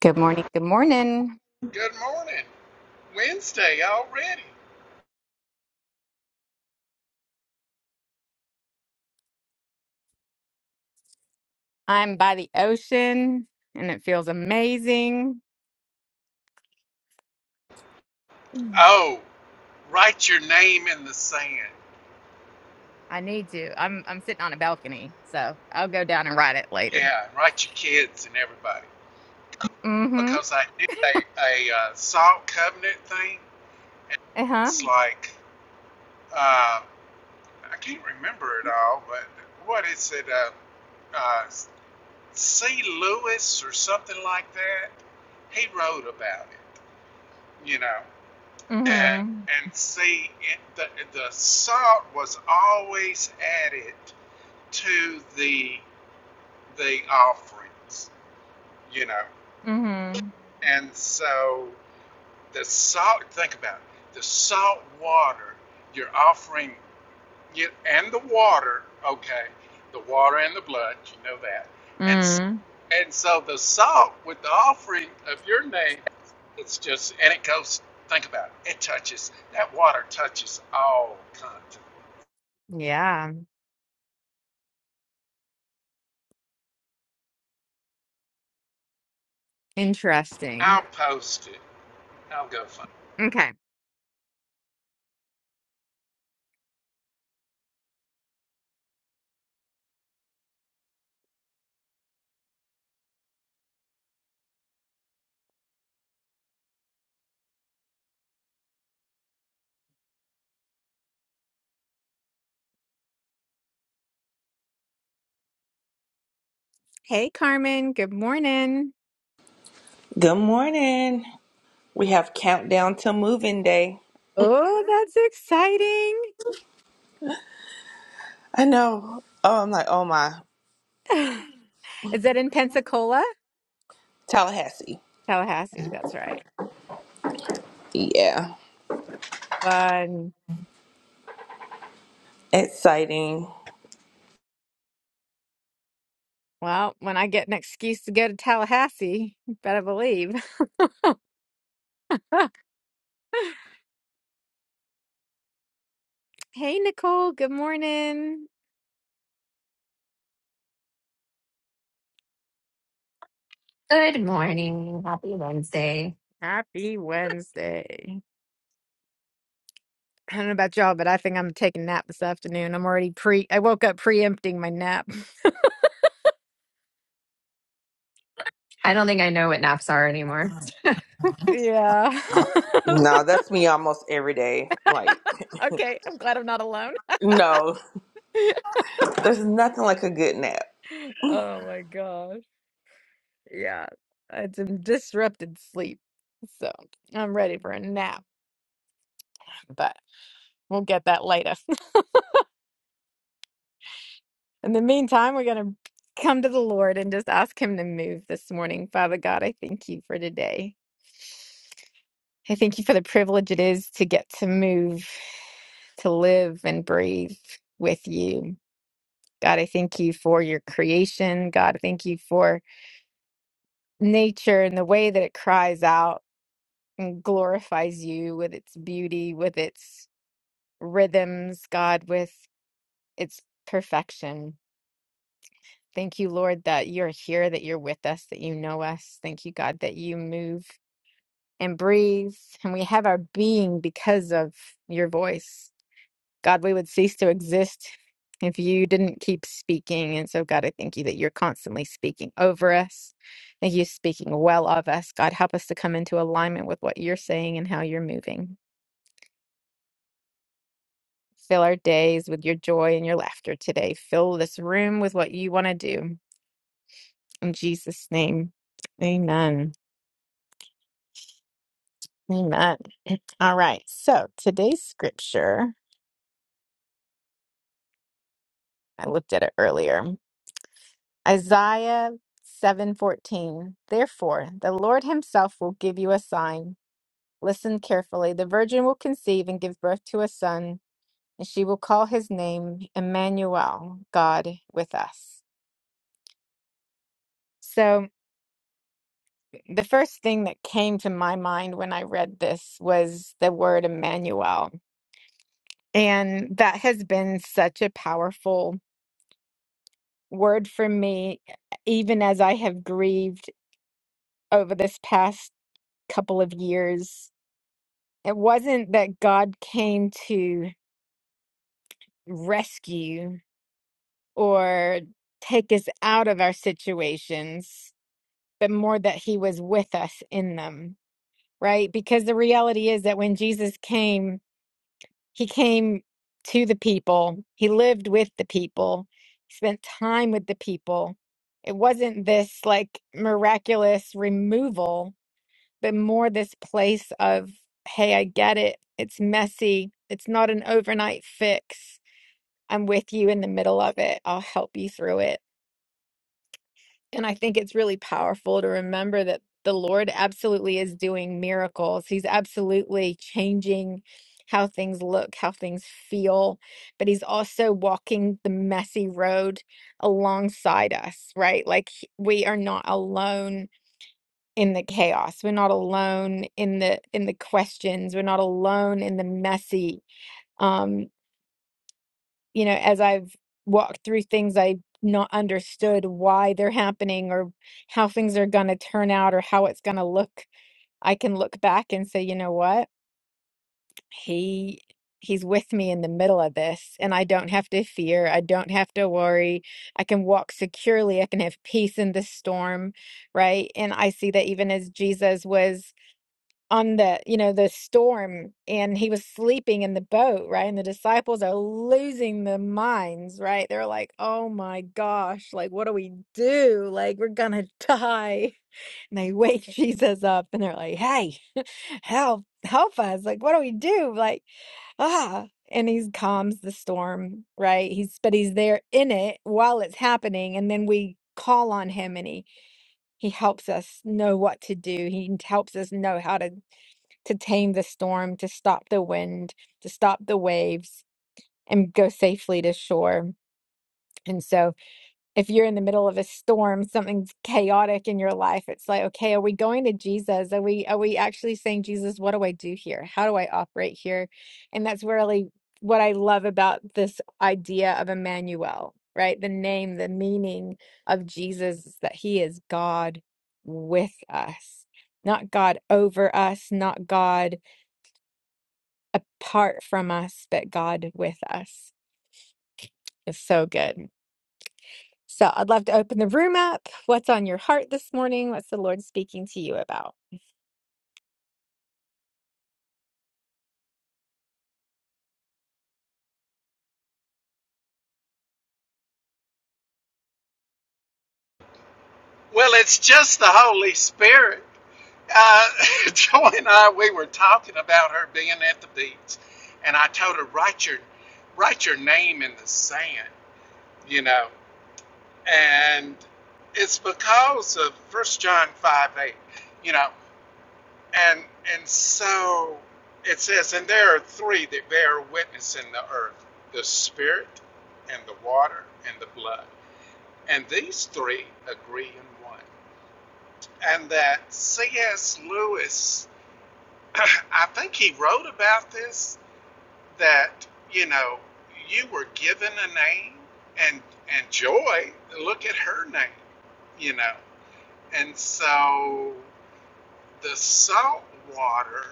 Good morning. Good morning. Good morning. Wednesday already. I'm by the ocean and it feels amazing. Mm. Oh, write your name in the sand. I need to. I'm I'm sitting on a balcony, so I'll go down and ride it later. Yeah, and write your kids and everybody. Mm-hmm. Because I did a, a uh, salt covenant thing. Uh-huh. It's like, uh, I can't remember it all, but what is it? Uh, uh, C. Lewis or something like that. He wrote about it, you know. And, Mm-hmm. and see, it, the, the salt was always added to the the offerings, you know. Mm-hmm. And so the salt. Think about it. The salt water you're offering, you, and the water. Okay, the water and the blood. You know that. And s- Mm. and so the salt with the offering of your name, it's just and it goes. Think about it. It touches that water touches all content. Yeah. Interesting. I'll post it. I'll go find. it. Okay. Hey Carmen, good morning. Good morning. We have countdown to moving day. Oh, that's exciting. I know. Oh, I'm like, oh my, Is that in Pensacola? Tallahassee. Tallahassee, that's right. Yeah, Fun. exciting. Well, when I get an excuse to go to Tallahassee, you better believe. Hey, Nicole. Good morning. Good morning. Happy Wednesday. Happy Wednesday. I don't know about y'all, but I think I'm taking a nap this afternoon. I'm already pre, I woke up preempting my nap. I don't think I know what naps are anymore. Yeah. No, that's me almost every day. Like, Okay. I'm glad I'm not alone. no, there's nothing like a good nap. Oh my gosh. Yeah. It's a disrupted sleep. So I'm ready for a nap, but we'll get that later. In the meantime, we're going to come to the Lord and just ask Him to move this morning. Father God, I thank you for today. I thank you for the privilege it is to get to move, to live and breathe with you. God, I thank you for your creation. God, I thank you for nature and the way that it cries out and glorifies you with its beauty, with its rhythms, God, with its perfection. Thank you, Lord, that you're here, that you're with us, that you know us. Thank you, God, that you move and breathe and we have our being because of your voice. God, we would cease to exist if you didn't keep speaking. And so, God, I thank you that you're constantly speaking over us. Thank you, speaking well of us. God, help us to come into alignment with what you're saying and how you're moving. Fill our days with your joy and your laughter today. Fill this room with what you want to do. In Jesus' name, amen. Amen. All right. So today's scripture, I looked at it earlier. Isaiah 7:14 Therefore the Lord himself will give you a sign listen carefully the virgin will conceive and give birth to a son and she will call his name Emmanuel God with us So the first thing that came to my mind when I read this was the word Emmanuel and that has been such a powerful word for me even as I have grieved over this past couple of years It wasn't that God came to rescue or take us out of our situations, but more that he was with us in them, right? Because the reality is that when Jesus came, he came to the people, he lived with the people, he spent time with the people. It wasn't this like miraculous removal but more this place of, hey, I get it. It's messy. It's not an overnight fix. I'm with you in the middle of it. I'll help you through it. And I think it's really powerful to remember that the Lord absolutely is doing miracles. He's absolutely changing how things look, how things feel, but He's also walking the messy road alongside us, right? Like he- we are not alone in the chaos we're not alone in the in the questions we're not alone in the messy um you know as i've walked through things i not understood why they're happening or how things are going to turn out or how it's going to look i can look back and say you know what he he's with me in the middle of this and i don't have to fear i don't have to worry i can walk securely i can have peace in this storm right and i see that even as jesus was on the you know the storm and he was sleeping in the boat right and the disciples are losing their minds right they're like oh my gosh like what do we do like we're gonna die and they wake jesus up and they're like hey help help us like what do we do like ah and he calms the storm right he's but he's there in it while it's happening and then we call on him and he he helps us know what to do he helps us know how to to tame the storm, to stop the wind, to stop the waves, and go safely to shore. And so, if you're in the middle of a storm, something's chaotic in your life, it's like, okay, are we going to Jesus? Are we are we actually saying, Jesus, what do I do here? How do I operate here? And that's really what I love about this idea of Emmanuel, right? The name, the meaning of Jesus is that he is God with us, not God over us, not God apart from us, but God with us is so good. So I'd love to open the room up. What's on your heart this morning? What's the Lord speaking to you about? Well, it's just the Holy Spirit. uh, Joy and I, we were talking about her being at the beach, and I told her write your write your name in the sand, you know, and it's because of First John five eight, you know, and and so it says, and there are three that bear witness in the earth: the spirit, and the water, and the blood, and these three agree in one, and that C.S. Lewis I think he wrote about this that you know you were given a name and and joy look at her name you know and so the salt water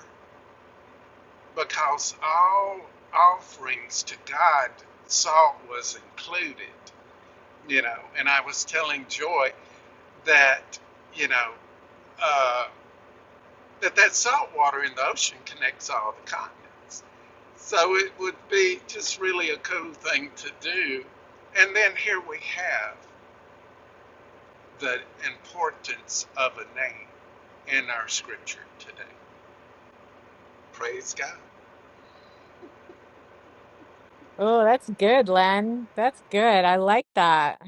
because all offerings to God salt was included you know and I was telling joy that you know uh, that that salt water in the ocean connects all the continents. So it would be just really a cool thing to do. And then here we have the importance of a name in our scripture today. Praise God. Oh, that's good, Len. That's good. I like that.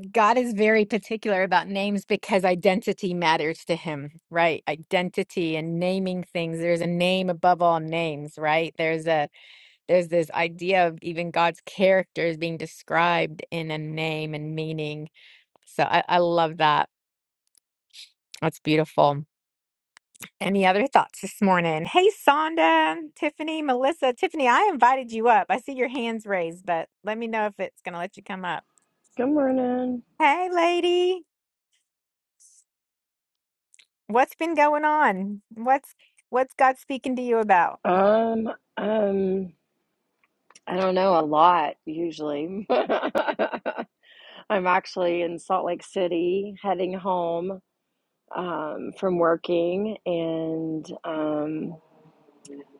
God is very particular about names because identity matters to him, right? Identity and naming things. There's a name above all names, right? There's a there's this idea of even God's character is being described in a name and meaning. So I, I love that. That's beautiful. Any other thoughts this morning? Hey, Sonda, Tiffany, Melissa, Tiffany, I invited you up. I see your hands raised, but let me know if it's going to let you come up. Good morning. Hey, lady. What's been going on? What's what's God speaking to you about? Um, um, I don't know a lot usually. I'm actually in Salt Lake City heading home um, from working, and um,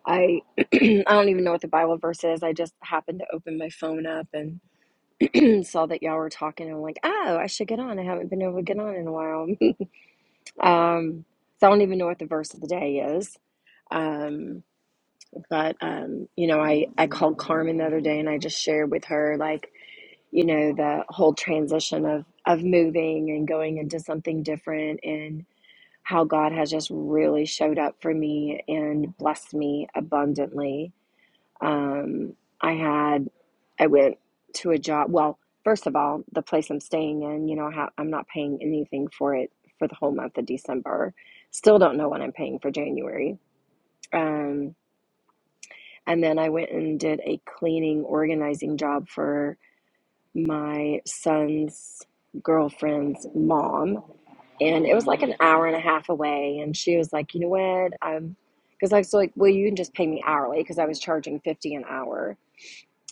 I I don't even know what the Bible verse is. I just happened to open my phone up and saw that y'all were talking, and I'm like, oh, I should get on. I haven't been able to get on in a while. um, so I don't even know what the verse of the day is. Um. But um, you know, I I called Carmen the other day and I just shared with her like, you know, the whole transition of of moving and going into something different and how God has just really showed up for me and blessed me abundantly. Um, I had I went to a job, well, first of all, the place I'm staying in, you know, how I'm not paying anything for it for the whole month of December. Still don't know what I'm paying for January. Um and then I went and did a cleaning, organizing job for my son's girlfriend's mom. And it was like an hour and a half away. And she was like, you know what? Um, because I was like, well, you can just pay me hourly because I was charging 50 an hour.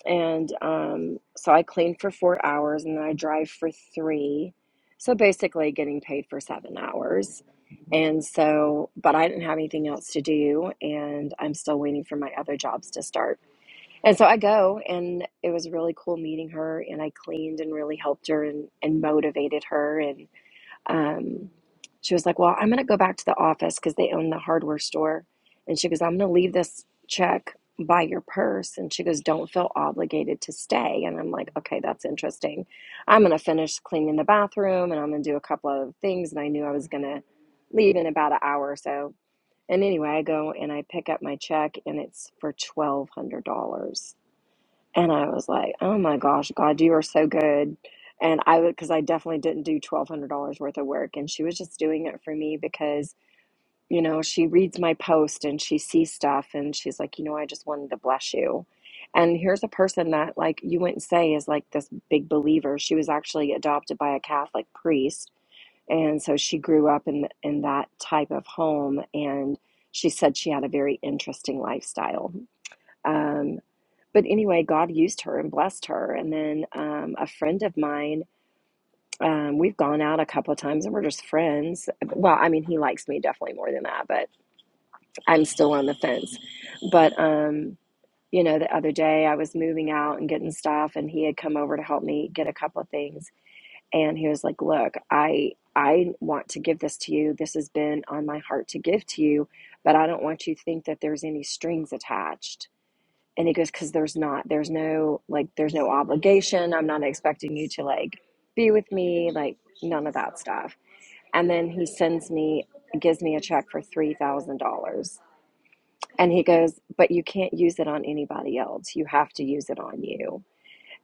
And um, so I cleaned for four hours and then I drive for three. So basically getting paid for seven hours. And so, but I didn't have anything else to do. And I'm still waiting for my other jobs to start. And so I go, and it was really cool meeting her. And I cleaned and really helped her and, and motivated her. And um, she was like, Well, I'm going to go back to the office because they own the hardware store. And she goes, I'm going to leave this check by your purse. And she goes, Don't feel obligated to stay. And I'm like, Okay, that's interesting. I'm going to finish cleaning the bathroom and I'm going to do a couple of things. And I knew I was going to leave in about an hour or so. And anyway, I go and I pick up my check, and it's for $1,200. And I was like, oh my gosh, God, you are so good. And I would, because I definitely didn't do $1,200 worth of work. And she was just doing it for me because, you know, she reads my post and she sees stuff and she's like, you know, I just wanted to bless you. And here's a person that, like, you wouldn't say is like this big believer. She was actually adopted by a Catholic priest. And so she grew up in, in that type of home. And she said she had a very interesting lifestyle. Um, but anyway, God used her and blessed her. And then um, a friend of mine, um, we've gone out a couple of times and we're just friends. Well, I mean, he likes me definitely more than that, but I'm still on the fence. But, um, you know, the other day I was moving out and getting stuff, and he had come over to help me get a couple of things. And he was like, Look, I. I want to give this to you. This has been on my heart to give to you, but I don't want you to think that there's any strings attached and he goes, because there's not, there's no, like, there's no obligation. I'm not expecting you to, like, be with me, like, none of that stuff. And then he sends me, gives me a check for $3,000. And he goes, but you can't use it on anybody else. You have to use it on you.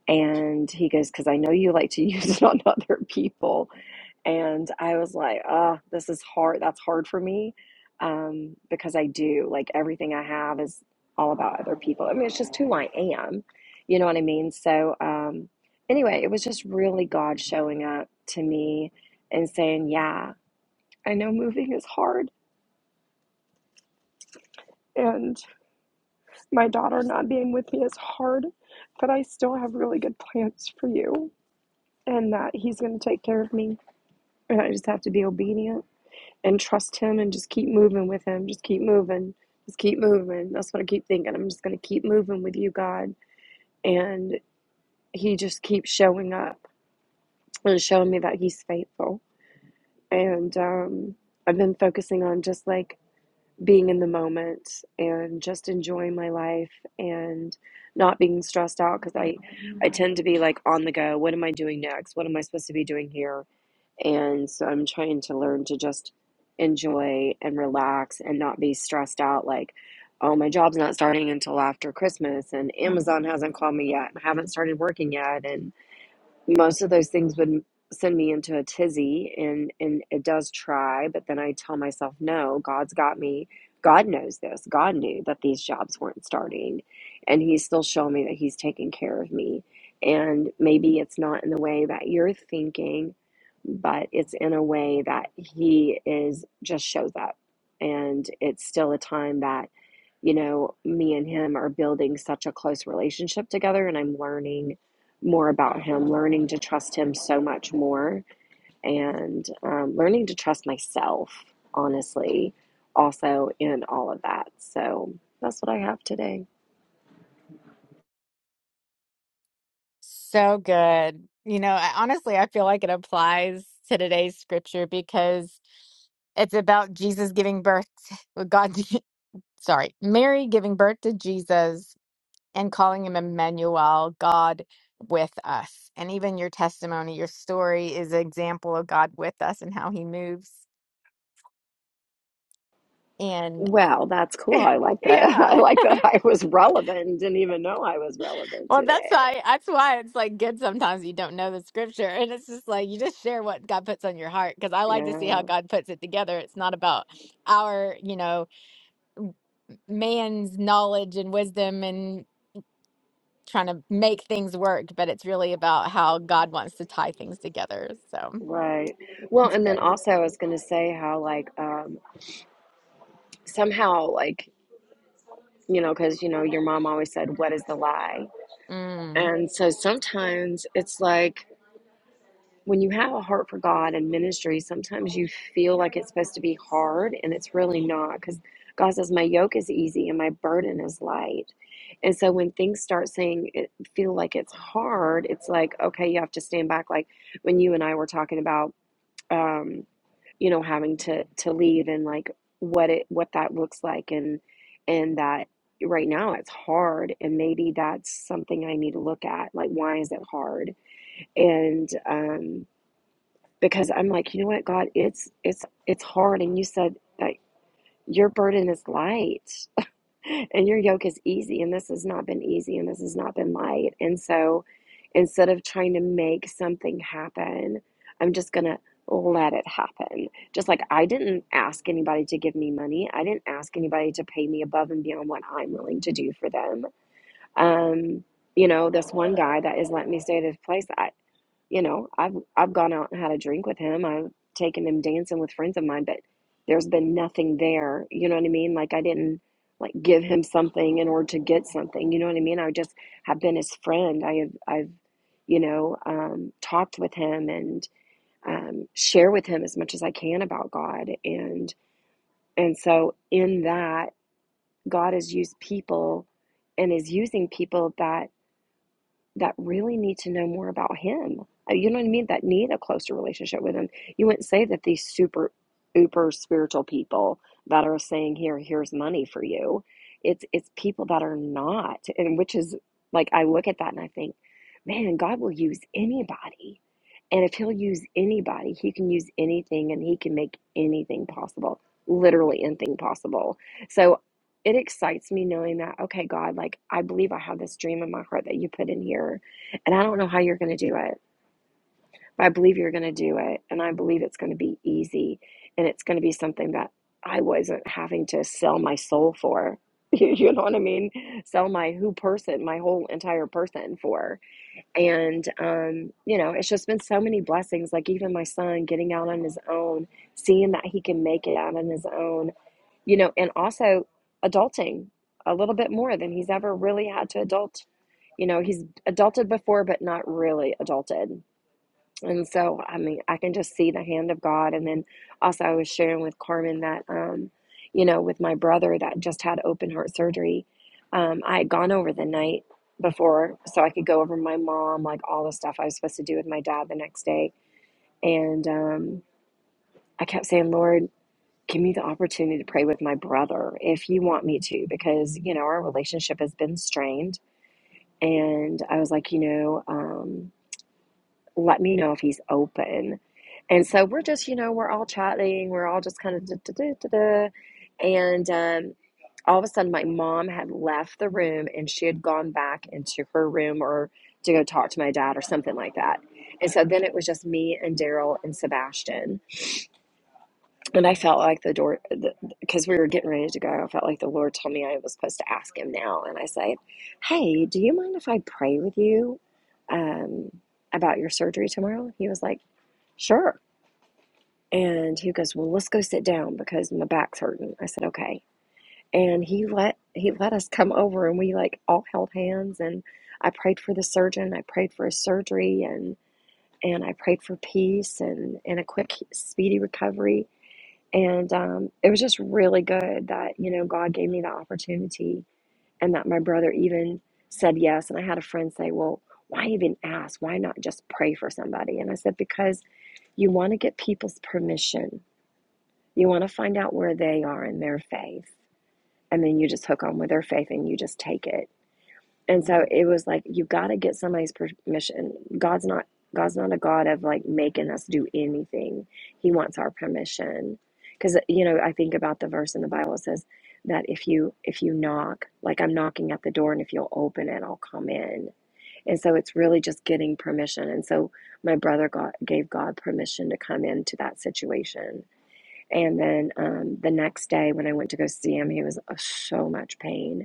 And he goes, because I know you like to use it on other people. And I was like, oh, this is hard. That's hard for me um, because I do like everything I have is all about other people. I mean, it's just who I am. You know what I mean? So, um, anyway, it was just really God showing up to me and saying, yeah, I know moving is hard and my daughter not being with me is hard, but I still have really good plans for you and that He's going to take care of me. And I just have to be obedient and trust him and just keep moving with him. Just keep moving. Just keep moving. That's what I keep thinking. I'm just going to keep moving with you, God. And he just keeps showing up and showing me that he's faithful. And um, I've been focusing on just like being in the moment and just enjoying my life and not being stressed out because I, I tend to be like on the go. What am I doing next? What am I supposed to be doing here? And so I'm trying to learn to just enjoy and relax and not be stressed out like, oh, my job's not starting until after Christmas and Amazon hasn't called me yet and I haven't started working yet. and most of those things would send me into a tizzy and and it does try but then i tell myself no god's got me god knows this god knew that these jobs weren't starting and he's still showing me that he's taking care of me and maybe it's not in the way that you're thinking but it's in a way that he is just shows up and it's still a time that you know me and him are building such a close relationship together and i'm learning more about him, learning to trust him so much more, and um, learning to trust myself, honestly, also in all of that. So that's what I have today. So good. You know, I, honestly, I feel like it applies to today's scripture because it's about Jesus giving birth to well, God, sorry, Mary giving birth to Jesus and calling him Emmanuel, God with us. And even your testimony, your story is an example of God with us and how he moves. And Well, that's cool. I like that. I yeah. like that I was relevant. Didn't even know I was relevant Well, that's today. why that's why it's like good sometimes you don't know the scripture and it's just like you just share what God puts on your heart because I like to see Yeah, how God puts it together. It's not about our, you know, man's knowledge and wisdom and trying to make things work, but it's really about how God wants to tie things together. So right. Well, it's and then good. also I was going to say how, like, um, somehow, like, you know, because, you know, your mom always said, What is the lie? Mm. And so sometimes it's like, when you have a heart for God and ministry, sometimes you feel like it's supposed to be hard, and it's really not because God says, My yoke is easy and my burden is light. And so when things start saying it feel like it's hard, it's like, okay, you have to stand back. Like when you and I were talking about, um, you know, having to, to leave and like what it, what that looks like. And, and that right now it's hard. And maybe that's something I need to look at. Like, why is it hard? And, um, because I'm like, you know what, God, it's it's it's hard, and you said that your burden is light, and your yoke is easy, and this has not been easy, and this has not been light, and so instead of trying to make something happen, I'm just gonna let it happen. Just like I didn't ask anybody to give me money, I didn't ask anybody to pay me above and beyond what I'm willing to do for them. Um, you know, this one guy that is letting me stay at his place. I, you know, I've I've gone out and had a drink with him. I've taken him dancing with friends of mine, but there's been nothing there. You know what I mean? Like I didn't like give him something in order to get something. You know what I mean? I just have been his friend. I have I've you know um, talked with him and um, share with him as much as I can about God and and so in that God has used people and is using people that that really need to know more about him. Uh, You know what I mean? That need a closer relationship with him. You wouldn't say that these super, uber spiritual people that are saying, "Here, here's money for you." It's it's people that are not, and which is like I look at that and I think, man, God will use anybody, and if He'll use anybody, He can use anything, and He can make anything possible, literally anything possible. So it excites me knowing that, okay, God, like I believe I have this dream in my heart that you put in here, and I don't know how you're going to do it, but I believe you're going to do it, and I believe it's going to be easy, and it's going to be something that I wasn't having to sell my soul for. You know what I mean? Sell my who person, my whole entire person for. And, um, you know, it's just been so many blessings. Like, even my son getting out on his own, seeing that he can make it out on his own you know, and also adulting a little bit more than he's ever really had to adult. You know, he's adulted before, but not really adulted. And so, I mean, I can just see the hand of God. And then also, I was sharing with Carmen that, um, you know, with my brother that just had open heart surgery, um, I had gone over the night before so I could go over my mom, like all the stuff I was supposed to do with my dad the next day. And um, I kept saying, Lord, give me the opportunity to pray with my brother if you want me to, because, you know, our relationship has been strained. And I was like, you know, um, let me know if he's open. And so we're just, you know, we're all chatting, we're all just kind of da, da, da, da, da. And um, all of a sudden, my mom had left the room and she had gone back into her room or to go talk to my dad or something like that. And so then it was just me and Daryl and Sebastian And I felt like the door, because we were getting ready to go, I felt like the Lord told me I was supposed to ask him now. And I said, Hey, do you mind if I pray with you um, about your surgery tomorrow? He was like, Sure. And he goes, Well, let's go sit down because my back's hurting. I said, Okay. And he let he let us come over and we like all held hands and I prayed for the surgeon, I prayed for his surgery and and I prayed for peace and, and a quick speedy recovery and um, it was just really good that, you know, God gave me the opportunity and that my brother even said yes. And I had a friend say, well, why even ask? Why not just pray for somebody? And I said, because you want to get people's permission. You want to find out where they are in their faith. And then you just hook on with their faith and you just take it and so it was like you got to get somebody's permission god's not god's not a god of like making us do anything he wants our permission because you know i think about the verse in the bible it says that if you if you knock like i'm knocking at the door and if you'll open it i'll come in and so it's really just getting permission and so my brother got gave god permission to come into that situation and then um, the next day when i went to go see him he was uh, so much pain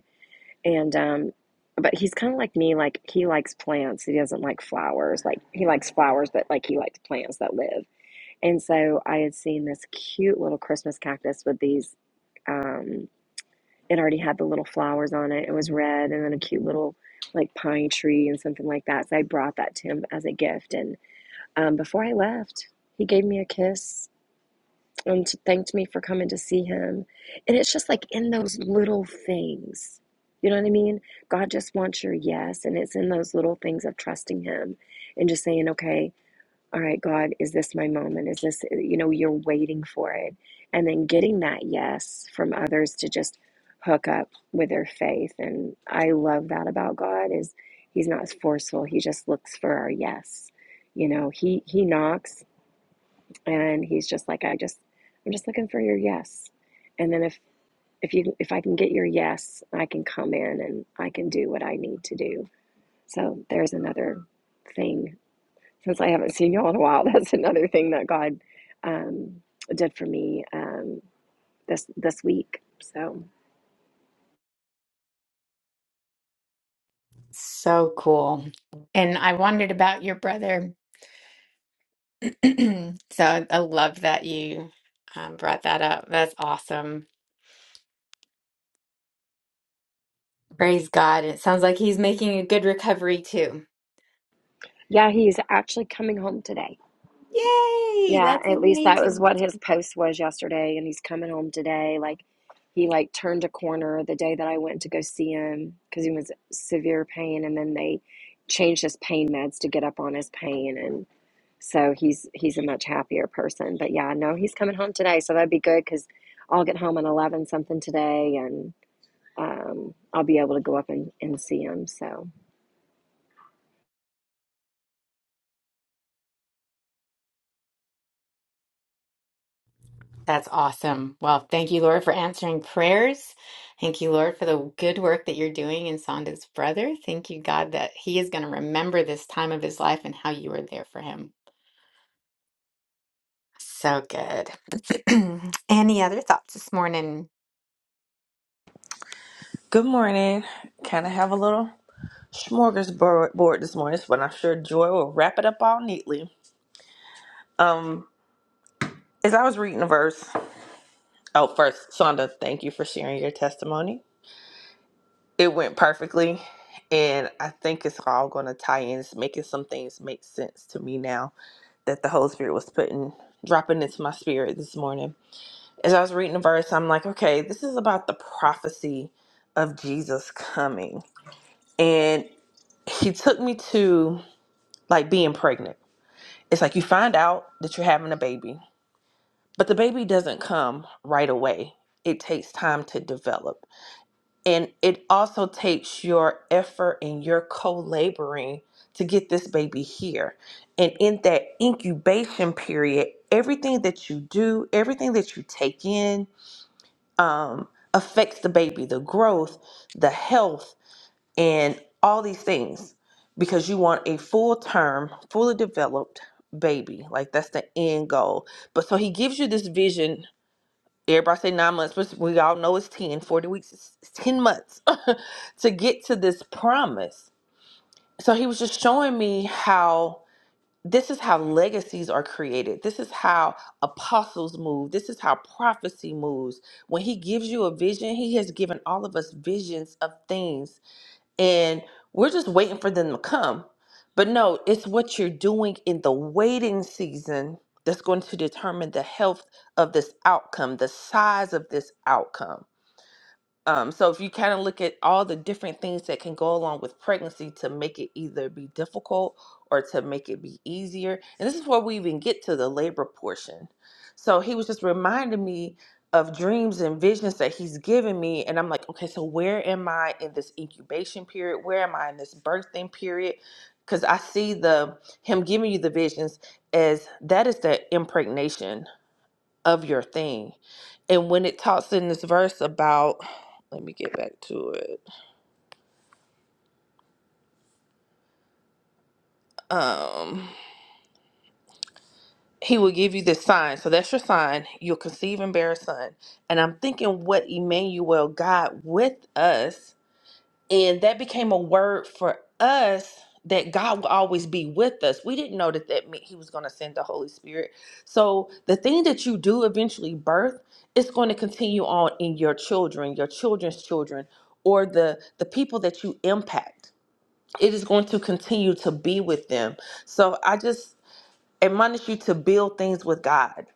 and um, but he's kind of like me, like he likes plants. He doesn't like flowers. Like he likes flowers, but like he likes plants that live. And so I had seen this cute little Christmas cactus with these um it already had the little flowers on it. It was red and then a cute little like pine tree and something like that. So I brought that to him as a gift and um before I left, he gave me a kiss and thanked me for coming to see him. And it's just like in those little things. You know what I mean? God just wants your yes. And it's in those little things of trusting him and just saying, okay, all right, God, is this my moment? Is this, uh, you know, you're waiting for it. And then getting that yes from others to just hook up with their faith. And I love that about God is he's not forceful. He just looks for our yes. You know, he, he knocks and he's just like i just i'm just looking for your yes and then if if you if i can get your yes i can come in and i can do what i need to do so there's another thing since i haven't seen y'all in a while that's another thing that god um, did for me um, this this week so So cool. And I wondered about your brother. So I I love that you um, brought that up. That's awesome. Praise God. It sounds like he's making a good recovery too. yeah he's actually coming home today Yay! Yeah, That's at least that was amazing. what his post was yesterday, and he's coming home today. Like he like turned a corner the day that I went to go see him because he was severe pain, and then they changed his pain meds to get up on his pain, and so he's he's a much happier person. But yeah, no, he's coming home today, so that'd be good because I'll get home at eleven something today, and um, I'll be able to go up and, and see him. So That's awesome. Well, thank you, Lord, for answering prayers. Thank you, Lord, for the good work that you're doing in Sonda's brother. Thank you, God, that he is going to remember this time of his life and how you were there for him. So good. Any other thoughts this morning, Good morning. Kind of have a little smorgasbord board this morning, but I'm sure Joy will wrap it up all neatly. Um, as I was reading the verse, oh, first, Sonda, thank you for sharing your testimony. it went perfectly and i think it's all going to tie in it's making some things make sense to me now that the holy spirit was putting dropping into my spirit this morning as i was reading the verse i'm like okay this is about the prophecy of jesus coming and he took me to like being pregnant it's like you find out that you're having a baby but the baby doesn't come right away it takes time to develop And it also takes your effort and your co laboring to get this baby here. And in that incubation period, everything that you do, everything that you take in, um, affects the baby, the growth, the health, and all these things because you want a full term, fully developed baby. Like that's the end goal. But so he gives you this vision Everybody say nine months, but we all know it's 10. 40 weeks is is 10 months to get to this promise. So he was just showing me how this is how legacies are created. This is how apostles move. This is how prophecy moves. When he gives you a vision, he has given all of us visions of things and we're just waiting for them to come. But no, it's what you're doing in the waiting season that's going to determine the health of this outcome, the size of this outcome. Um, so if you kind of look at all the different things that can go along with pregnancy to make it either be difficult or to make it be easier, and this is where we even get to the labor portion. So he was just reminding me of dreams and visions that he's given me, and I'm like, okay, so where am I in this incubation period? Where am I in this birthing period? Because I see the him giving you the visions as that is the impregnation of your thing. And when it talks in this verse about, let me get back to it. Um, he will give you this sign. So that's your sign. You'll conceive and bear a son. And I'm thinking what Emmanuel, God with us. And that became a word for us that God will always be with us. We didn't know that that meant He was going to send the Holy Spirit. So the thing that you do eventually birth, it's going to continue on in your children, your children's children, or the the people that you impact. It is going to continue to be with them. So I just admonish you to build things with God,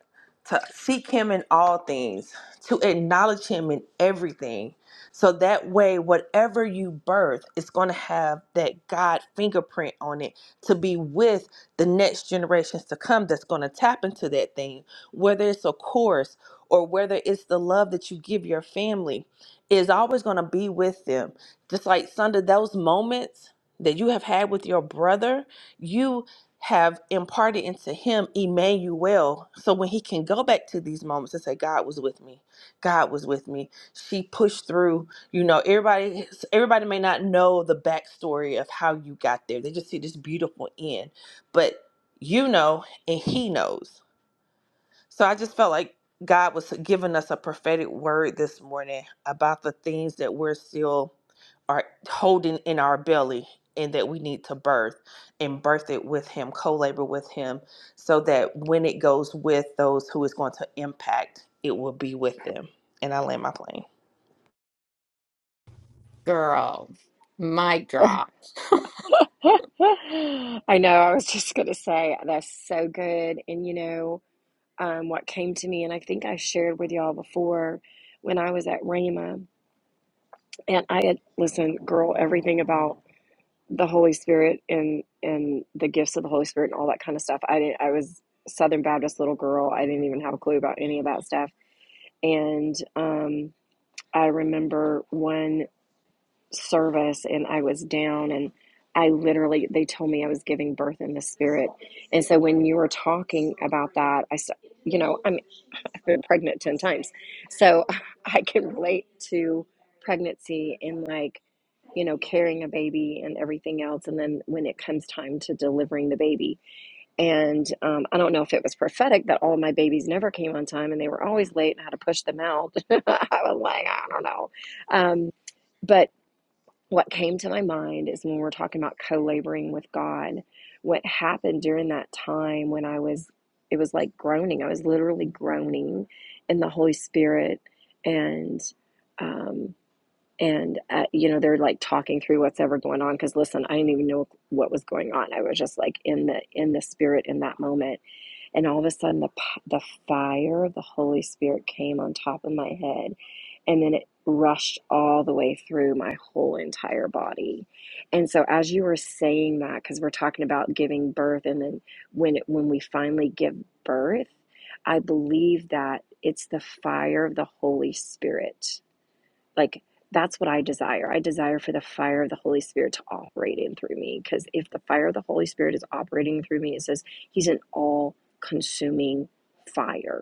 to seek Him in all things, to acknowledge Him in everything. So that way, whatever you birth, it's going to have that God fingerprint on it to be with the next generations to come that's going to tap into that thing, whether it's a course or whether it's the love that you give your family, is always going to be with them. Just like Sunday, those moments that you have had with your brother, you have imparted into him Emmanuel. So when he can go back to these moments and say, God was with me. God was with me. She pushed through. You know, everybody everybody may not know the backstory of how you got there. They just see this beautiful end. But you know and he knows. So I just felt like God was giving us a prophetic word this morning about the things that we're still are holding in our belly and that we need to birth and birth it with him, co-labor with him so that when it goes with those who is going to impact, it will be with them. And I land my plane. girl? Mic drop. I know I was just gonna say that's so good, and you know. um, what came to me, and I think I shared with y'all before when I was at Rhema, and I had listen, girl, everything about the Holy Spirit and and the gifts of the Holy Spirit and all that kind of stuff. I didn't. I was Southern Baptist little girl. I didn't even have a clue about any of that stuff. And um, I remember one service, and I was down, and I literally they told me I was giving birth in the Spirit. And so when you were talking about that, I, you know, I been pregnant 10 times. So I can relate to pregnancy and like, you know, carrying a baby and everything else. And then when it comes time to delivering the baby. And um, I don't know if it was prophetic that all of my babies never came on time and they were always late and I had to push them out. I was like, I don't know. Um, but what came to my mind is when we're talking about co-laboring with God, what happened during that time when I was, it was like groaning. I was literally groaning in the Holy Spirit, and um, and uh, you know they're like talking through what's ever going on. Because listen, I didn't even know what was going on. I was just like in the in the Spirit in that moment and all of a sudden the the fire of the Holy Spirit came on top of my head and then it rushed all the way through my whole entire body. And so as you were saying that cuz we're talking about giving birth and then when it, when we finally give birth, I believe that it's the fire of the Holy Spirit like that's what I desire. I desire for the fire of the Holy Spirit to operate in through me. Because if the fire of the Holy Spirit is operating through me, it says He's an all consuming fire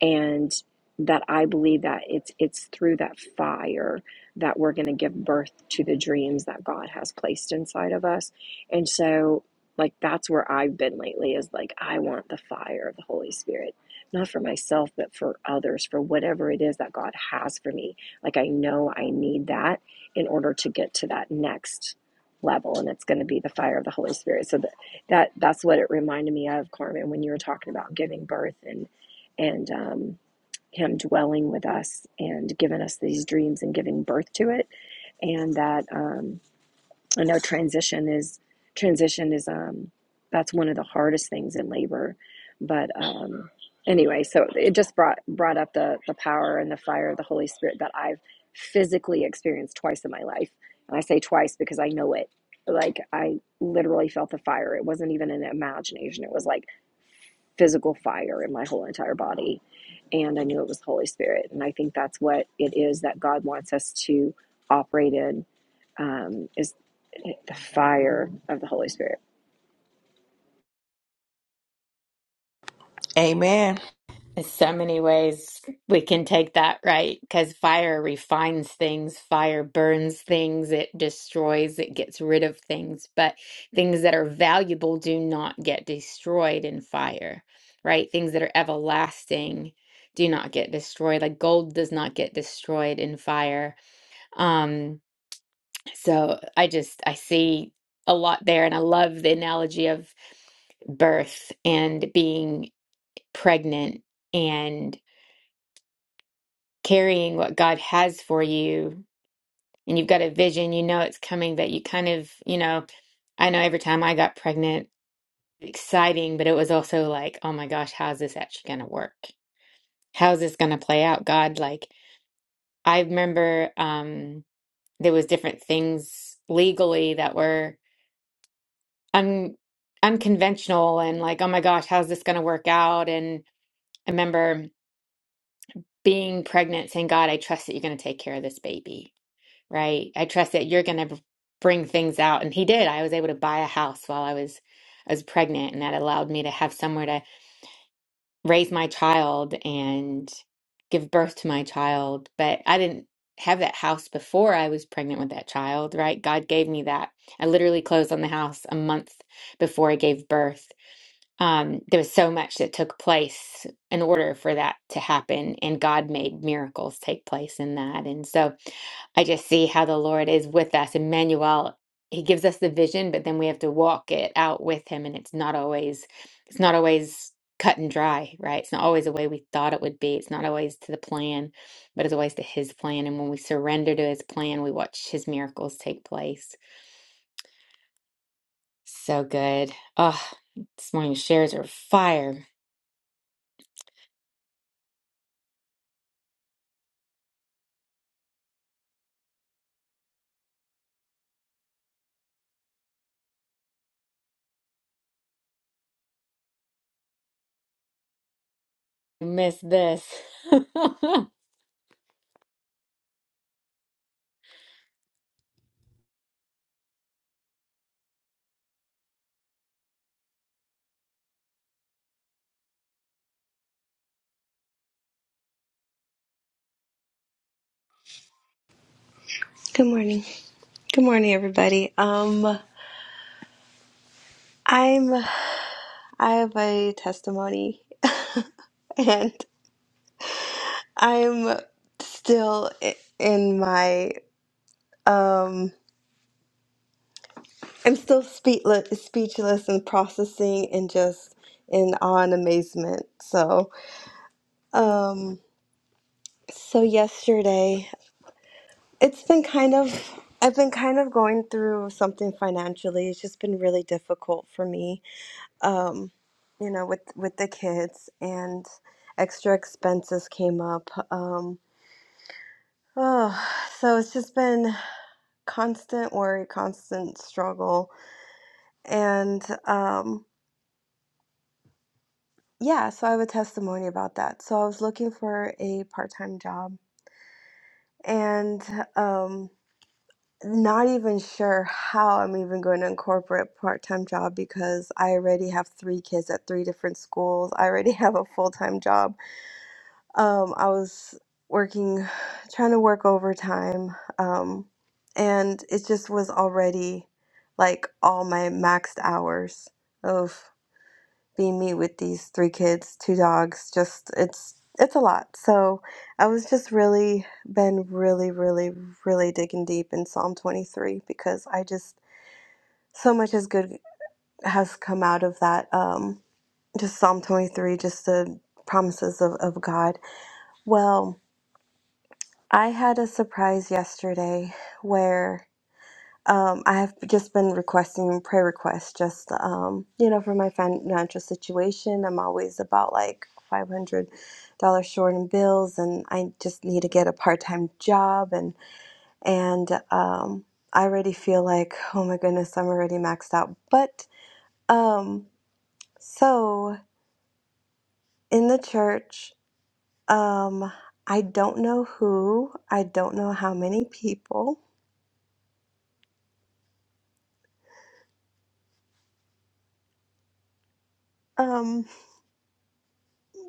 and that I believe that it's it's through that fire that we're going to give birth to the dreams that God has placed inside of us. And so like that's where I've been lately is like I want the fire of the Holy Spirit. Not for myself, but for others, for whatever it is that God has for me. Like I know I need that in order to get to that next level and it's going to be the fire of the Holy Spirit. So that, that that's what it reminded me of, Carmen, when you were talking about giving birth and and um, Him dwelling with us and giving us these dreams and giving birth to it. And that um, I know transition is transition is um, that's one of the hardest things in labor. But um, anyway, so it just brought brought up the the power and the fire of the Holy Spirit that I've physically experienced twice in my life. And I say twice because I know it. Like I literally felt the fire. It wasn't even an imagination. It was like physical fire in my whole entire body. And I knew it was the Holy Spirit. And I think that's what it is that God wants us to operate in um, is the fire of the Holy Spirit. Amen. There's so many ways we can take that, right? Because fire refines things, fire burns things, it destroys, it gets rid of things. But things that are valuable do not get destroyed in fire, right? Things that are everlasting do not get destroyed. Like gold does not get destroyed in fire. Um, so I just, I see a lot there, and I love the analogy of birth and being pregnant. and. carrying what God has for you and you've got a vision, you know it's coming, but you kind of, you know, I know every time I got pregnant, exciting, but it was also like, oh my gosh, how's this actually going to work? How's this going to play out, God? Like I remember um there was different things legally that were un unconventional and like, oh my gosh, how's this going to work out? And I remember being pregnant saying, God, I trust that you're going to take care of this baby right? I trust that you're going to bring things out. And he did. I was able to buy a house while I was I was pregnant, and that allowed me to have somewhere to raise my child and give birth to my child. But I didn't have that house before I was pregnant with that child, right? God gave me that. I literally closed on the house a month before I gave birth um, there was so much that took place in order for that to happen, and God made miracles take place in that. And so I just see how the Lord is with us. Emmanuel, he gives us the vision, but then we have to walk it out with him, and it's not always it's not always cut and dry, right? It's not always the way we thought it would be. It's not always to the plan, but it's always to his plan. And when we surrender to his plan, we watch his miracles take place. So good. Oh, this morning's shares are fire. miss this. Good morning. Good morning, everybody. Um, I'm I have a testimony, and I'm still i- in my um, I'm still speechless, speechless, and processing, and just in awe and amazement. So, um, so yesterday, it's been kind of I've been kind of going through something financially. It's just been really difficult for me um, you know, with with the kids and extra expenses came up. Um, oh, so it's just been constant worry, constant struggle, and um, yeah. So I have a testimony about that. So I was looking for a part time job and um, not even sure how I'm even going to incorporate part time job because I already have three kids at three different schools. I already have a full time job Um, I was working, trying to work overtime, um, and it just was already like all my maxed hours of being me with these three kids, two dogs. Just it's it's a lot. So I was just really been really, really, really digging deep in Psalm 23 because I just so much is good has come out of that. Um, just Psalm 23, just the promises of, of God. Well. I had a surprise yesterday where um, I have just been requesting prayer requests, just um, you know, for my financial situation. I'm always about like five hundred dollars short in bills, and I just need to get a part time job, and and um, I already feel like, oh my goodness, I'm already maxed out. But um, so in the church, um, I don't know who, I don't know how many people. Um,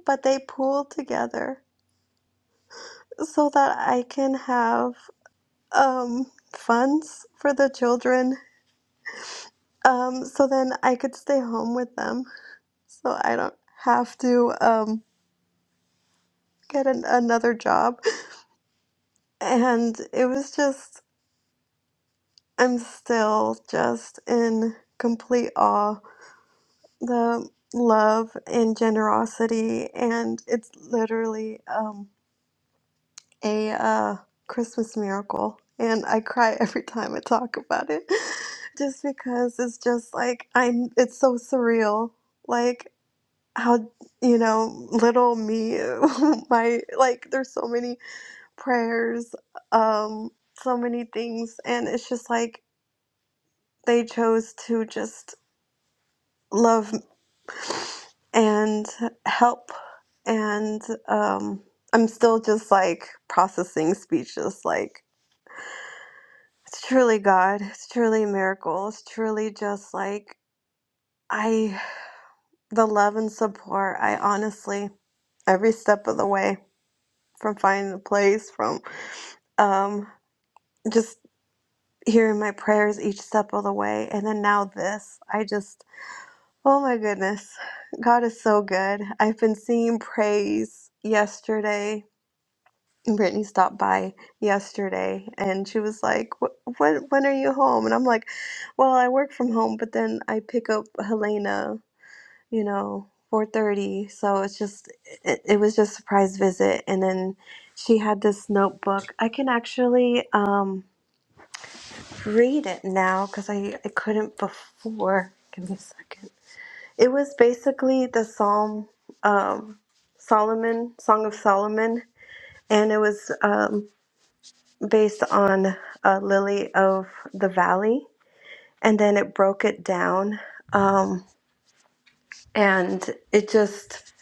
but they pool together so that I can have um, funds for the children. Um, so then I could stay home with them, so I don't have to um, get an, another job. And it was just, I'm still just in complete awe. The love and generosity, and it's literally. Um, a uh, Christmas miracle, and I cry every time I talk about it, just because it's just like I. It's so surreal, like how you know little me, my like. There's so many prayers, um, so many things, and it's just like they chose to just love and help, and um, I'm still just like processing speechless, like It's truly God. It's truly a miracle. It's truly just like I, the love and support. I honestly, every step of the way, from finding the place, from um, just hearing my prayers each step of the way, and then now this. I just, oh my goodness, God is so good. I've been singing praise yesterday Brittany stopped by yesterday and she was like, "Wh- when, when are you home? And I'm like, well, I work from home, but then I pick up Helena, you know, 4:30. So it's just, it, it was just a surprise visit. And then she had this notebook. I can actually um, read it now because I, I couldn't before. Give me a second. It was basically the Psalm, um, Solomon, Song of Solomon. And it was um, based on uh, Lily of the Valley, and then it broke it down. Um, and it just,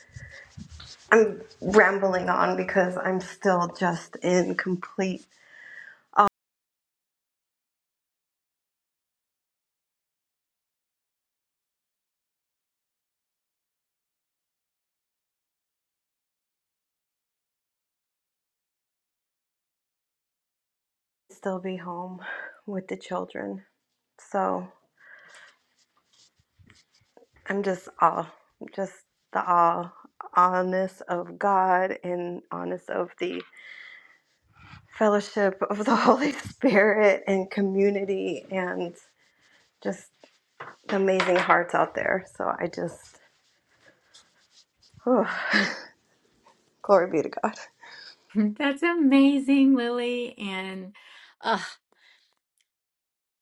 I'm rambling on because I'm still just in complete, I'll still be home with the children. So I'm just awe, just the awe, awness of God and honest of the fellowship of the Holy Spirit and community and just amazing hearts out there. So I just, whew, glory be to God. That's amazing, Lily. And ah,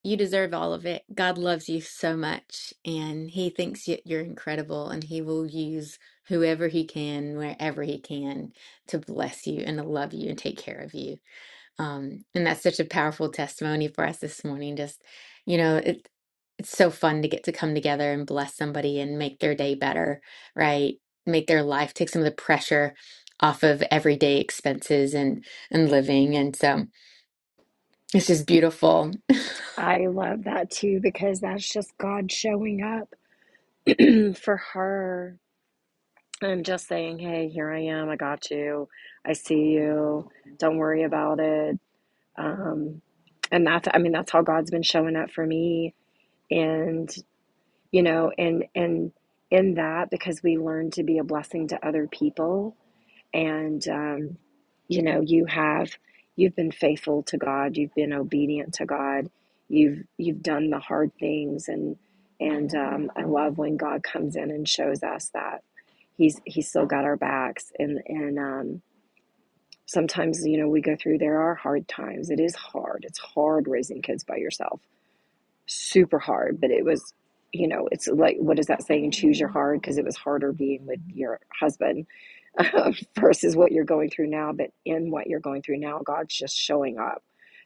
you deserve all of it. God loves you so much, and He thinks you- you're incredible, and He will use whoever He can, wherever He can, to bless you and to love you and take care of you. Um, and that's such a powerful testimony for us this morning. Just, you know, it's so fun to get to come together and bless somebody and make their day better, right? Make their life take some of the pressure off of everyday expenses and and living. And so it's just beautiful. I love that too because that's just God showing up for her and just saying, "Hey, here I am. I got you. I see you. Don't worry about it." Um, and that's, I mean, that's how God's been showing up for me. And you know, and and in that because we learn to be a blessing to other people, and um, you know, you have you've been faithful to God, you've been obedient to God, you've you've done the hard things, and and um, I love when God comes in and shows us that He's He's still got our backs, and and um, sometimes you know we go through there are hard times. It is hard. It's hard raising kids by yourself super hard, but it was, you know, it's like, what is that saying? Choose your hard because it was harder being with your husband um, versus what you're going through now. But in what you're going through now, God's just showing up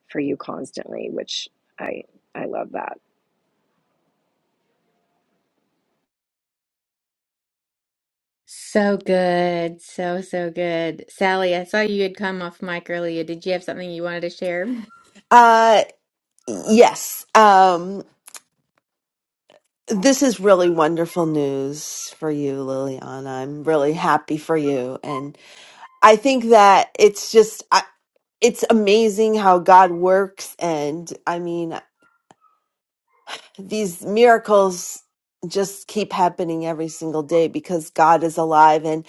for you constantly, which I I love that. So good. So, so good. Sally, I saw you had come off mic earlier. Did you have something you wanted to share? Uh, yes. Um, this is really wonderful news for you, Liliana. I'm really happy for you, and I think that it's just I, it's amazing how God works, and I mean these miracles just keep happening every single day because God is alive. And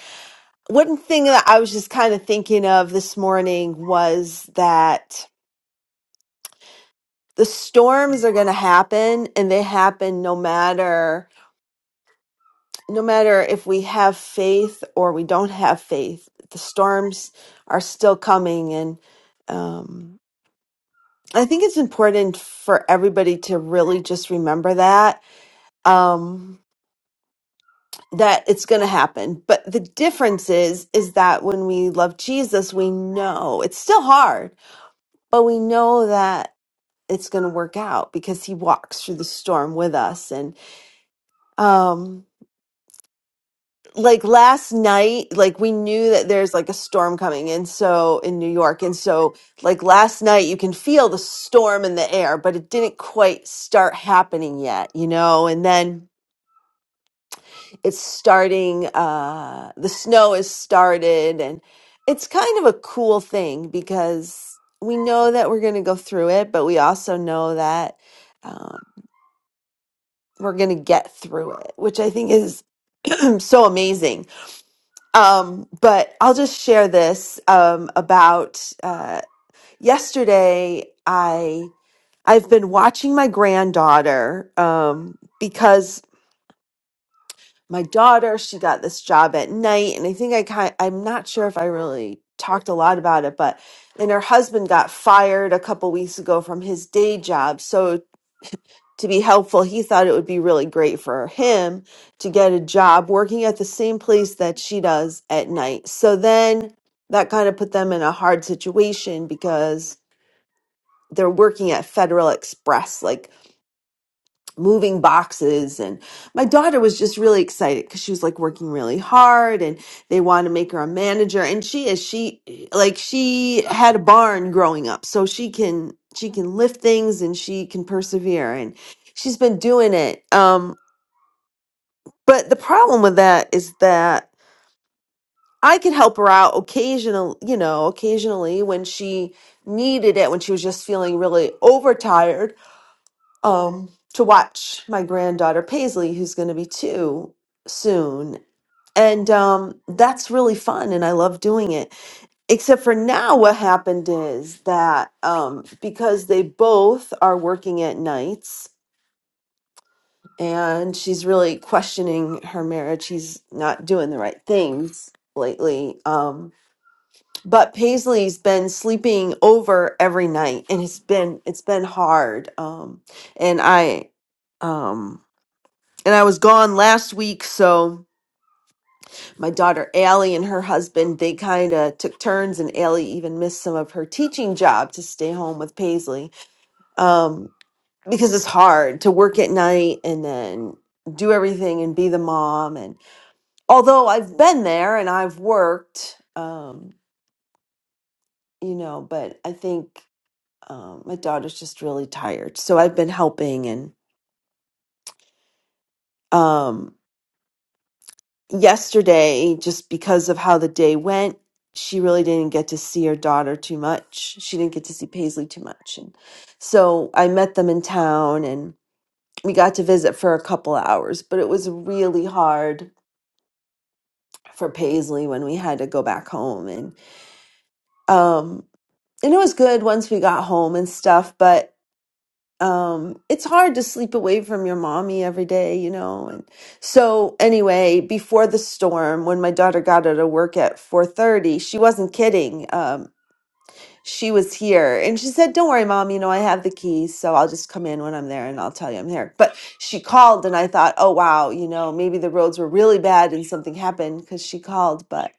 one thing that I was just kind of thinking of this morning was that the storms are going to happen, and they happen no matter. no matter if we have faith or we don't have faith, the storms are still coming. And um, I think it's important for everybody to really just remember that um, that it's going to happen. But the difference is is that when we love Jesus, we know it's still hard, but we know that it's going to work out because He walks through the storm with us and. Um, like last night like we knew that there's like a storm coming in. so in new york and so like last night you can feel the storm in the air but it didn't quite start happening yet you know and then it's starting uh the snow has started and it's kind of a cool thing because we know that we're going to go through it but we also know that um, we're going to get through it which i think is so amazing Um, but I'll just share this um, about uh, yesterday. I I've been watching my granddaughter um, because my daughter she got this job at night, and I think I kind I'm not sure if I really talked a lot about it, but and her husband got fired a couple weeks ago from his day job, so to be helpful, he thought it would be really great for him to get a job working at the same place that she does at night. So then that kind of put them in a hard situation because they're working at Federal Express, like moving boxes. And my daughter was just really excited because she was like working really hard and they want to make her a manager. And she is, she like, she had a barn growing up, so she can, she can lift things and she can persevere. And she's been doing it. Um. But the problem with that is that I could help her out occasionally, you know, occasionally when she needed it, when she was just feeling really overtired, um, to watch my granddaughter Paisley, who's going to be two soon. And um, that's really fun, and I love doing it. Except for now, what happened is that um, because they both are working at nights, and she's really questioning her marriage. She's not doing the right things lately. Um, but Paisley's been sleeping over every night, and it's been it's been hard. Um, and I, um, and I was gone last week, so my daughter Allie and her husband they kind of took turns, and Allie even missed some of her teaching job to stay home with Paisley. Um, because it's hard to work at night and then do everything and be the mom and although I've been there and I've worked, um, you know, but I think um, my daughter's just really tired. So I've been helping. And um, yesterday, just because of how the day went, she really didn't get to see her daughter too much. She didn't get to see Paisley too much. And so I met them in town and we got to visit for a couple hours, but it was really hard for Paisley when we had to go back home. And um and it was good once we got home and stuff but um it's hard to sleep away from your mommy every day you know and so anyway before the storm when my daughter got out of work at 4:30 she wasn't kidding um she was here and she said don't worry mom you know i have the keys so i'll just come in when i'm there and i'll tell you i'm here but she called and i thought oh wow you know maybe the roads were really bad and something happened cuz she called but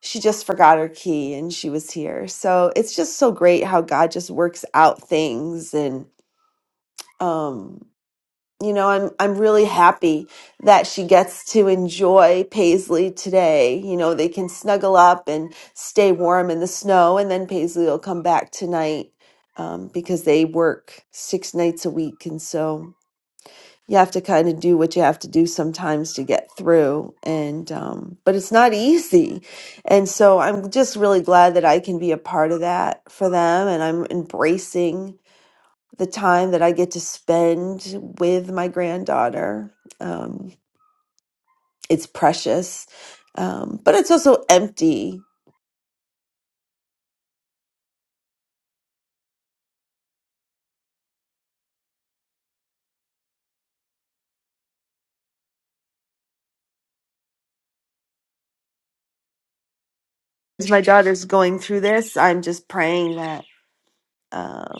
she just forgot her key and she was here. So it's just so great how God just works out things and um you know, I'm I'm really happy that she gets to enjoy Paisley today. You know, they can snuggle up and stay warm in the snow and then Paisley will come back tonight um because they work 6 nights a week and so you have to kind of do what you have to do sometimes to get through and um, but it's not easy and so i'm just really glad that i can be a part of that for them and i'm embracing the time that i get to spend with my granddaughter um, it's precious um, but it's also empty as my daughter's going through this i'm just praying that um,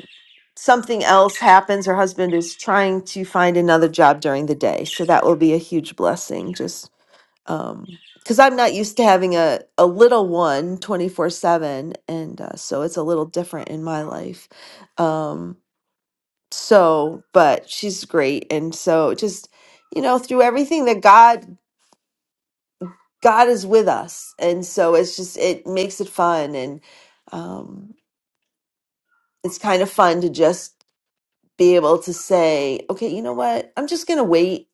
something else happens, her husband is trying to find another job during the day. So that will be a huge blessing. Just um because I'm not used to having a, a little one twenty 7. And uh, so it's a little different in my life. Um, so, but she's great. And so just, you know, through everything that God, God is with us. And so it's just, it makes it fun. And um, it's kind of fun to just be able to say, okay, you know what? I'm just going to wait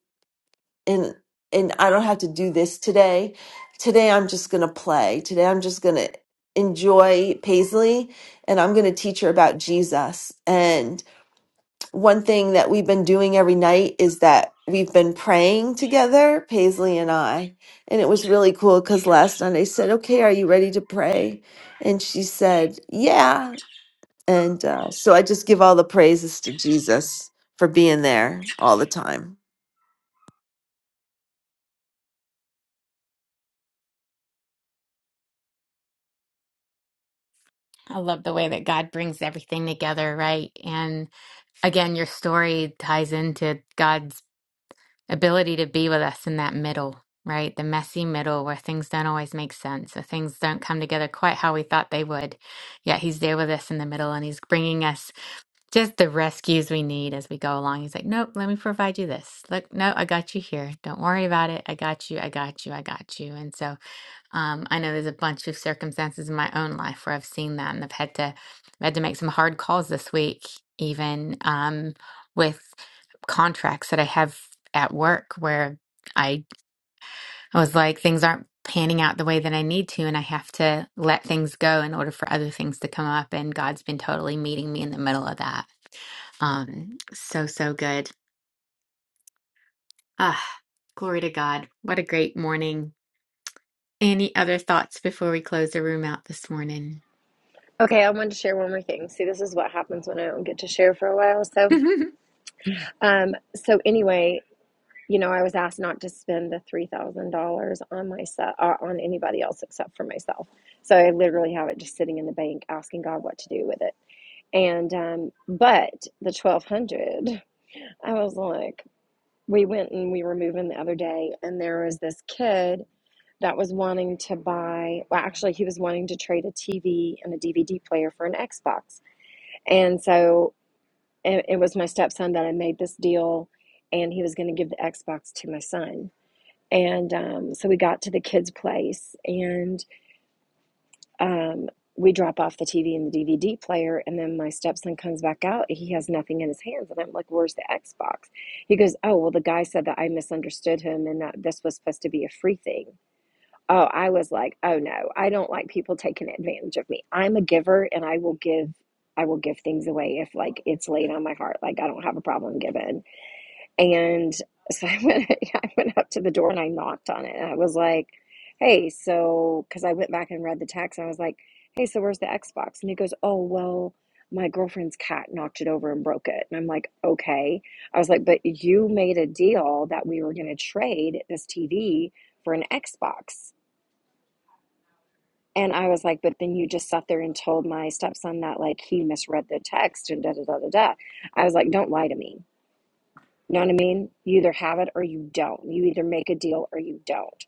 and and I don't have to do this today. Today I'm just going to play. Today I'm just going to enjoy Paisley and I'm going to teach her about Jesus. And one thing that we've been doing every night is that we've been praying together, Paisley and I. And it was really cool cuz last night I said, "Okay, are you ready to pray?" And she said, "Yeah." And uh, so I just give all the praises to Jesus for being there all the time. I love the way that God brings everything together, right? And again, your story ties into God's ability to be with us in that middle, right? The messy middle where things don't always make sense or things don't come together quite how we thought they would. Yet he's there with us in the middle and he's bringing us just the rescues we need as we go along. He's like, nope, let me provide you this. Look, no, I got you here. Don't worry about it. I got you. I got you. I got you. And so um, I know there's a bunch of circumstances in my own life where I've seen that, and I've had to I've had to make some hard calls this week, even um, with contracts that I have at work, where I I was like things aren't panning out the way that I need to, and I have to let things go in order for other things to come up. And God's been totally meeting me in the middle of that. Um, so so good. Ah, glory to God. What a great morning. Any other thoughts before we close the room out this morning? Okay, I wanted to share one more thing. See, this is what happens when I don't get to share for a while. So, um, so anyway, you know, I was asked not to spend the three thousand dollars on myself uh, on anybody else except for myself. So I literally have it just sitting in the bank, asking God what to do with it. And um, but the twelve hundred, I was like, we went and we were moving the other day, and there was this kid that was wanting to buy. Well, actually, he was wanting to trade a TV and a DVD player for an Xbox, and so it, it was my stepson that I made this deal, and he was going to give the Xbox to my son and um, so we got to the kids' place and um, we drop off the TV and the DVD player. And then my stepson comes back out. He has nothing in his hands. And I'm like, where's the Xbox? He goes, oh, well, the guy said that I misunderstood him and that this was supposed to be a free thing. Oh, I was like, oh no, I don't like people taking advantage of me. I'm a giver and I will give. I will give things away if like it's laid on my heart. Like I don't have a problem giving. And so I went, I went up to the door and I knocked on it. And I was like, hey, so, because I went back and read the text and I was like, hey, so where's the Xbox? And he goes, oh, well, my girlfriend's cat knocked it over and broke it. And I'm like, okay. I was like, but you made a deal that we were going to trade this TV for an Xbox. And I was like, but then you just sat there and told my stepson that like he misread the text and da da da da da. I was like, don't lie to me. You know what I mean? You either have it or you don't. You either make a deal or you don't.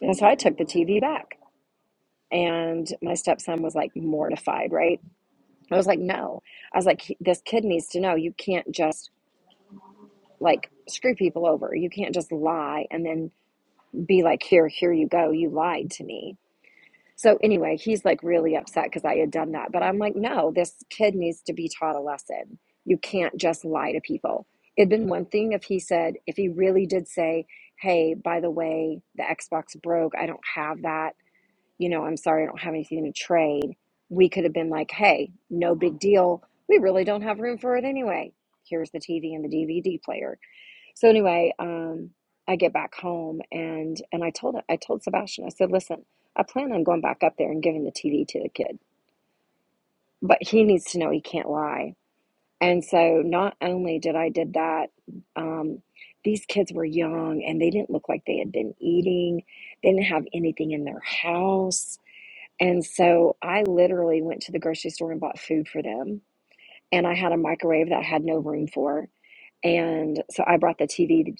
And so I took the TV back. And my stepson was like mortified, right? I was like, no. I was like, this kid needs to know you can't just like screw people over. You can't just lie and then be like, here, here you go. You lied to me So anyway, he's like really upset because I had done that. But I'm like, no, this kid needs to be taught a lesson. You can't just lie to people. It'd been one thing if he said, if he really did say, hey, by the way, the Xbox broke. I don't have that. You know, I'm sorry, I don't have anything to trade. We could have been like, hey, no big deal. We really don't have room for it anyway. Here's the TV and the DVD player so anyway, um, I get back home and and I told I told Sebastian, I said, listen, I plan on going back up there and giving the TV to the kid, but he needs to know he can't lie. And so not only did I did that, um, these kids were young and they didn't look like they had been eating. They didn't have anything in their house. And so I literally went to the grocery store and bought food for them. And I had a microwave that I had no room for. And so I brought the TV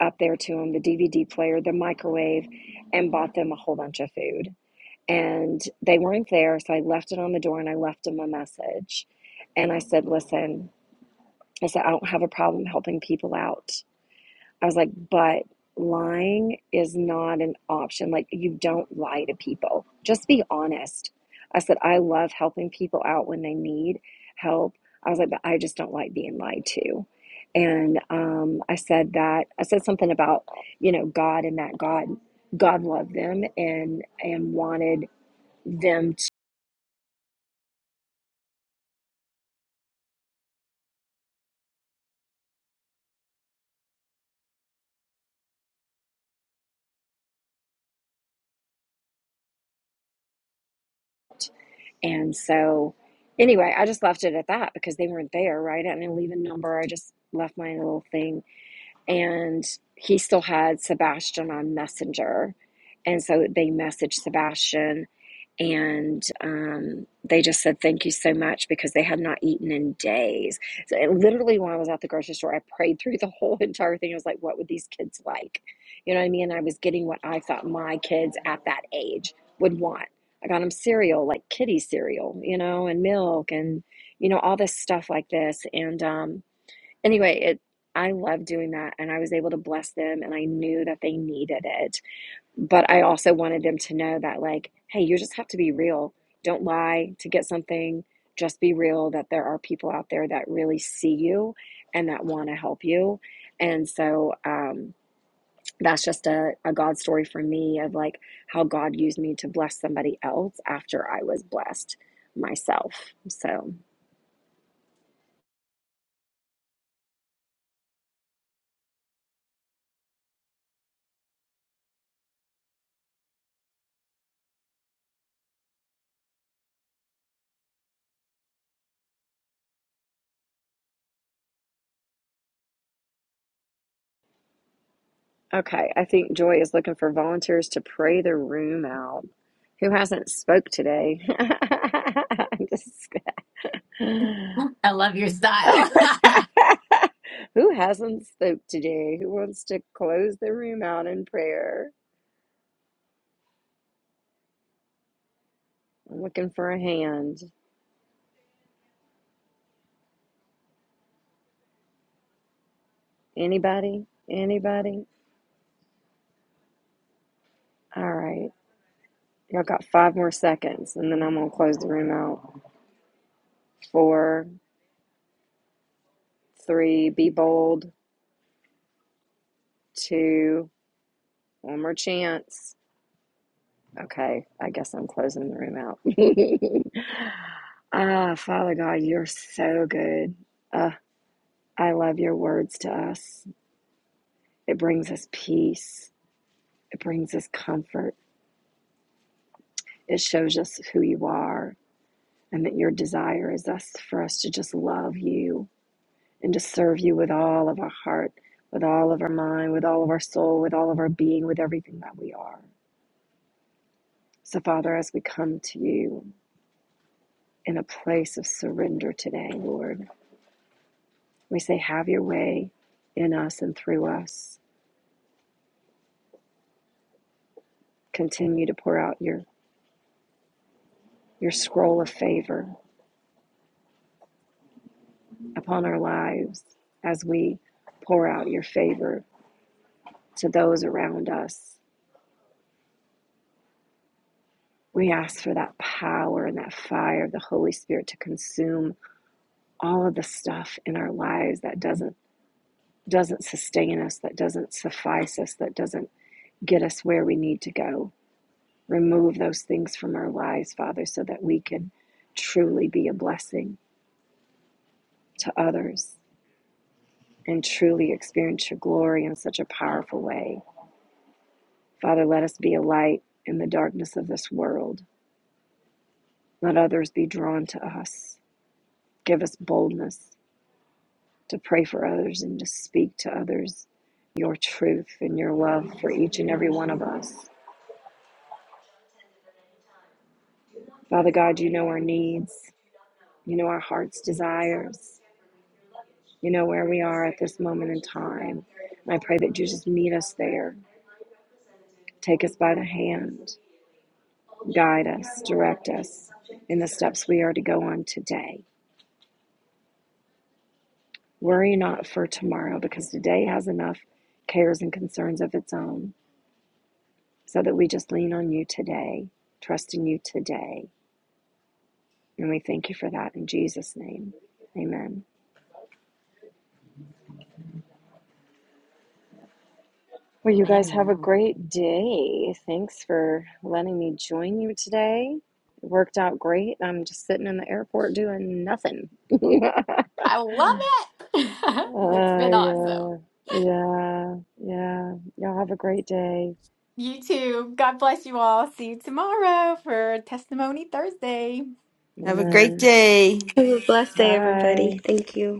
up there to them the DVD player, the microwave, and bought them a whole bunch of food. And they weren't there, so I left it on the door and I left them a message. And I said, Listen, I said, I don't have a problem helping people out. I was like, but lying is not an option. Like, you don't lie to people. Just be honest. I said, I love helping people out when they need help. I was like, but I just don't like being lied to. And um, I said that I said something about you know God and that God God loved them and and wanted them to. And so anyway, I just left it at that because they weren't there, right? I didn't leave a number. I just left my little thing and he still had Sebastian on Messenger. And so they messaged Sebastian and um, they just said, Thank you so much because they had not eaten in days. So, it, literally, when I was at the grocery store, I prayed through the whole entire thing. I was like, What would these kids like? You know what I mean? I was getting what I thought my kids at that age would want. I got them cereal, like kitty cereal, you know, and milk and, you know, all this stuff like this. And, um, anyway, it I love doing that and I was able to bless them and I knew that they needed it. But I also wanted them to know that like, hey, you just have to be real. Don't lie to get something. Just be real that there are people out there that really see you and that want to help you. And so um that's just a, a God story for me of like how God used me to bless somebody else after I was blessed myself. So Okay, I think Joy is looking for volunteers to pray the room out. Who hasn't spoke today? I'm just- I love your style. Who hasn't spoke today? Who wants to close the room out in prayer? I'm looking for a hand. Anybody? Anybody? All right. Y'all got five more seconds, and then I'm going to close the room out. Four, three, be bold. Two, one more chance. Okay, I guess I'm closing the room out. ah, Father God, you're so good. Uh, I love your words to us. It brings us peace, it brings us comfort, it shows us who you are, and that your desire is us for us to just love you and to serve you with all of our heart, with all of our mind, with all of our soul, with all of our being, with everything that we are. So, Father, as we come to you in a place of surrender today, Lord. We say, Have your way in us and through us. Continue to pour out your, your scroll of favor upon our lives as we pour out your favor to those around us. We ask for that power and that fire of the Holy Spirit to consume all of the stuff in our lives that doesn't doesn't sustain us, that doesn't suffice us, that doesn't get us where we need to go. Remove those things from our lives, Father, so that we can truly be a blessing to others and truly experience your glory in such a powerful way. Father, let us be a light in the darkness of this world. Let others be drawn to us. Give us boldness to pray for others and to speak to others your truth and your love for each and every one of us. Father God, you know our needs, you know our heart's desires, you know where we are at this moment in time. And I pray that you just meet us there. Take us by the hand Guide us, direct us in the steps we are to go on today. Worry not for tomorrow because today has enough cares and concerns of its own, so that we just lean on you today, trust in you today. And we thank you for that in Jesus' name. Amen. Well, you guys have a Man, great day. Thanks for letting me join you today. It worked out great. I'm just sitting in the airport doing nothing. I love it. It's Uh, been awesome. yeah, yeah, yeah. Y'all have a great day. You too. God bless you all. See you tomorrow for Testimony Thursday. Have a great Amen. day. Have a blessed day, Bye. everybody. Thank you.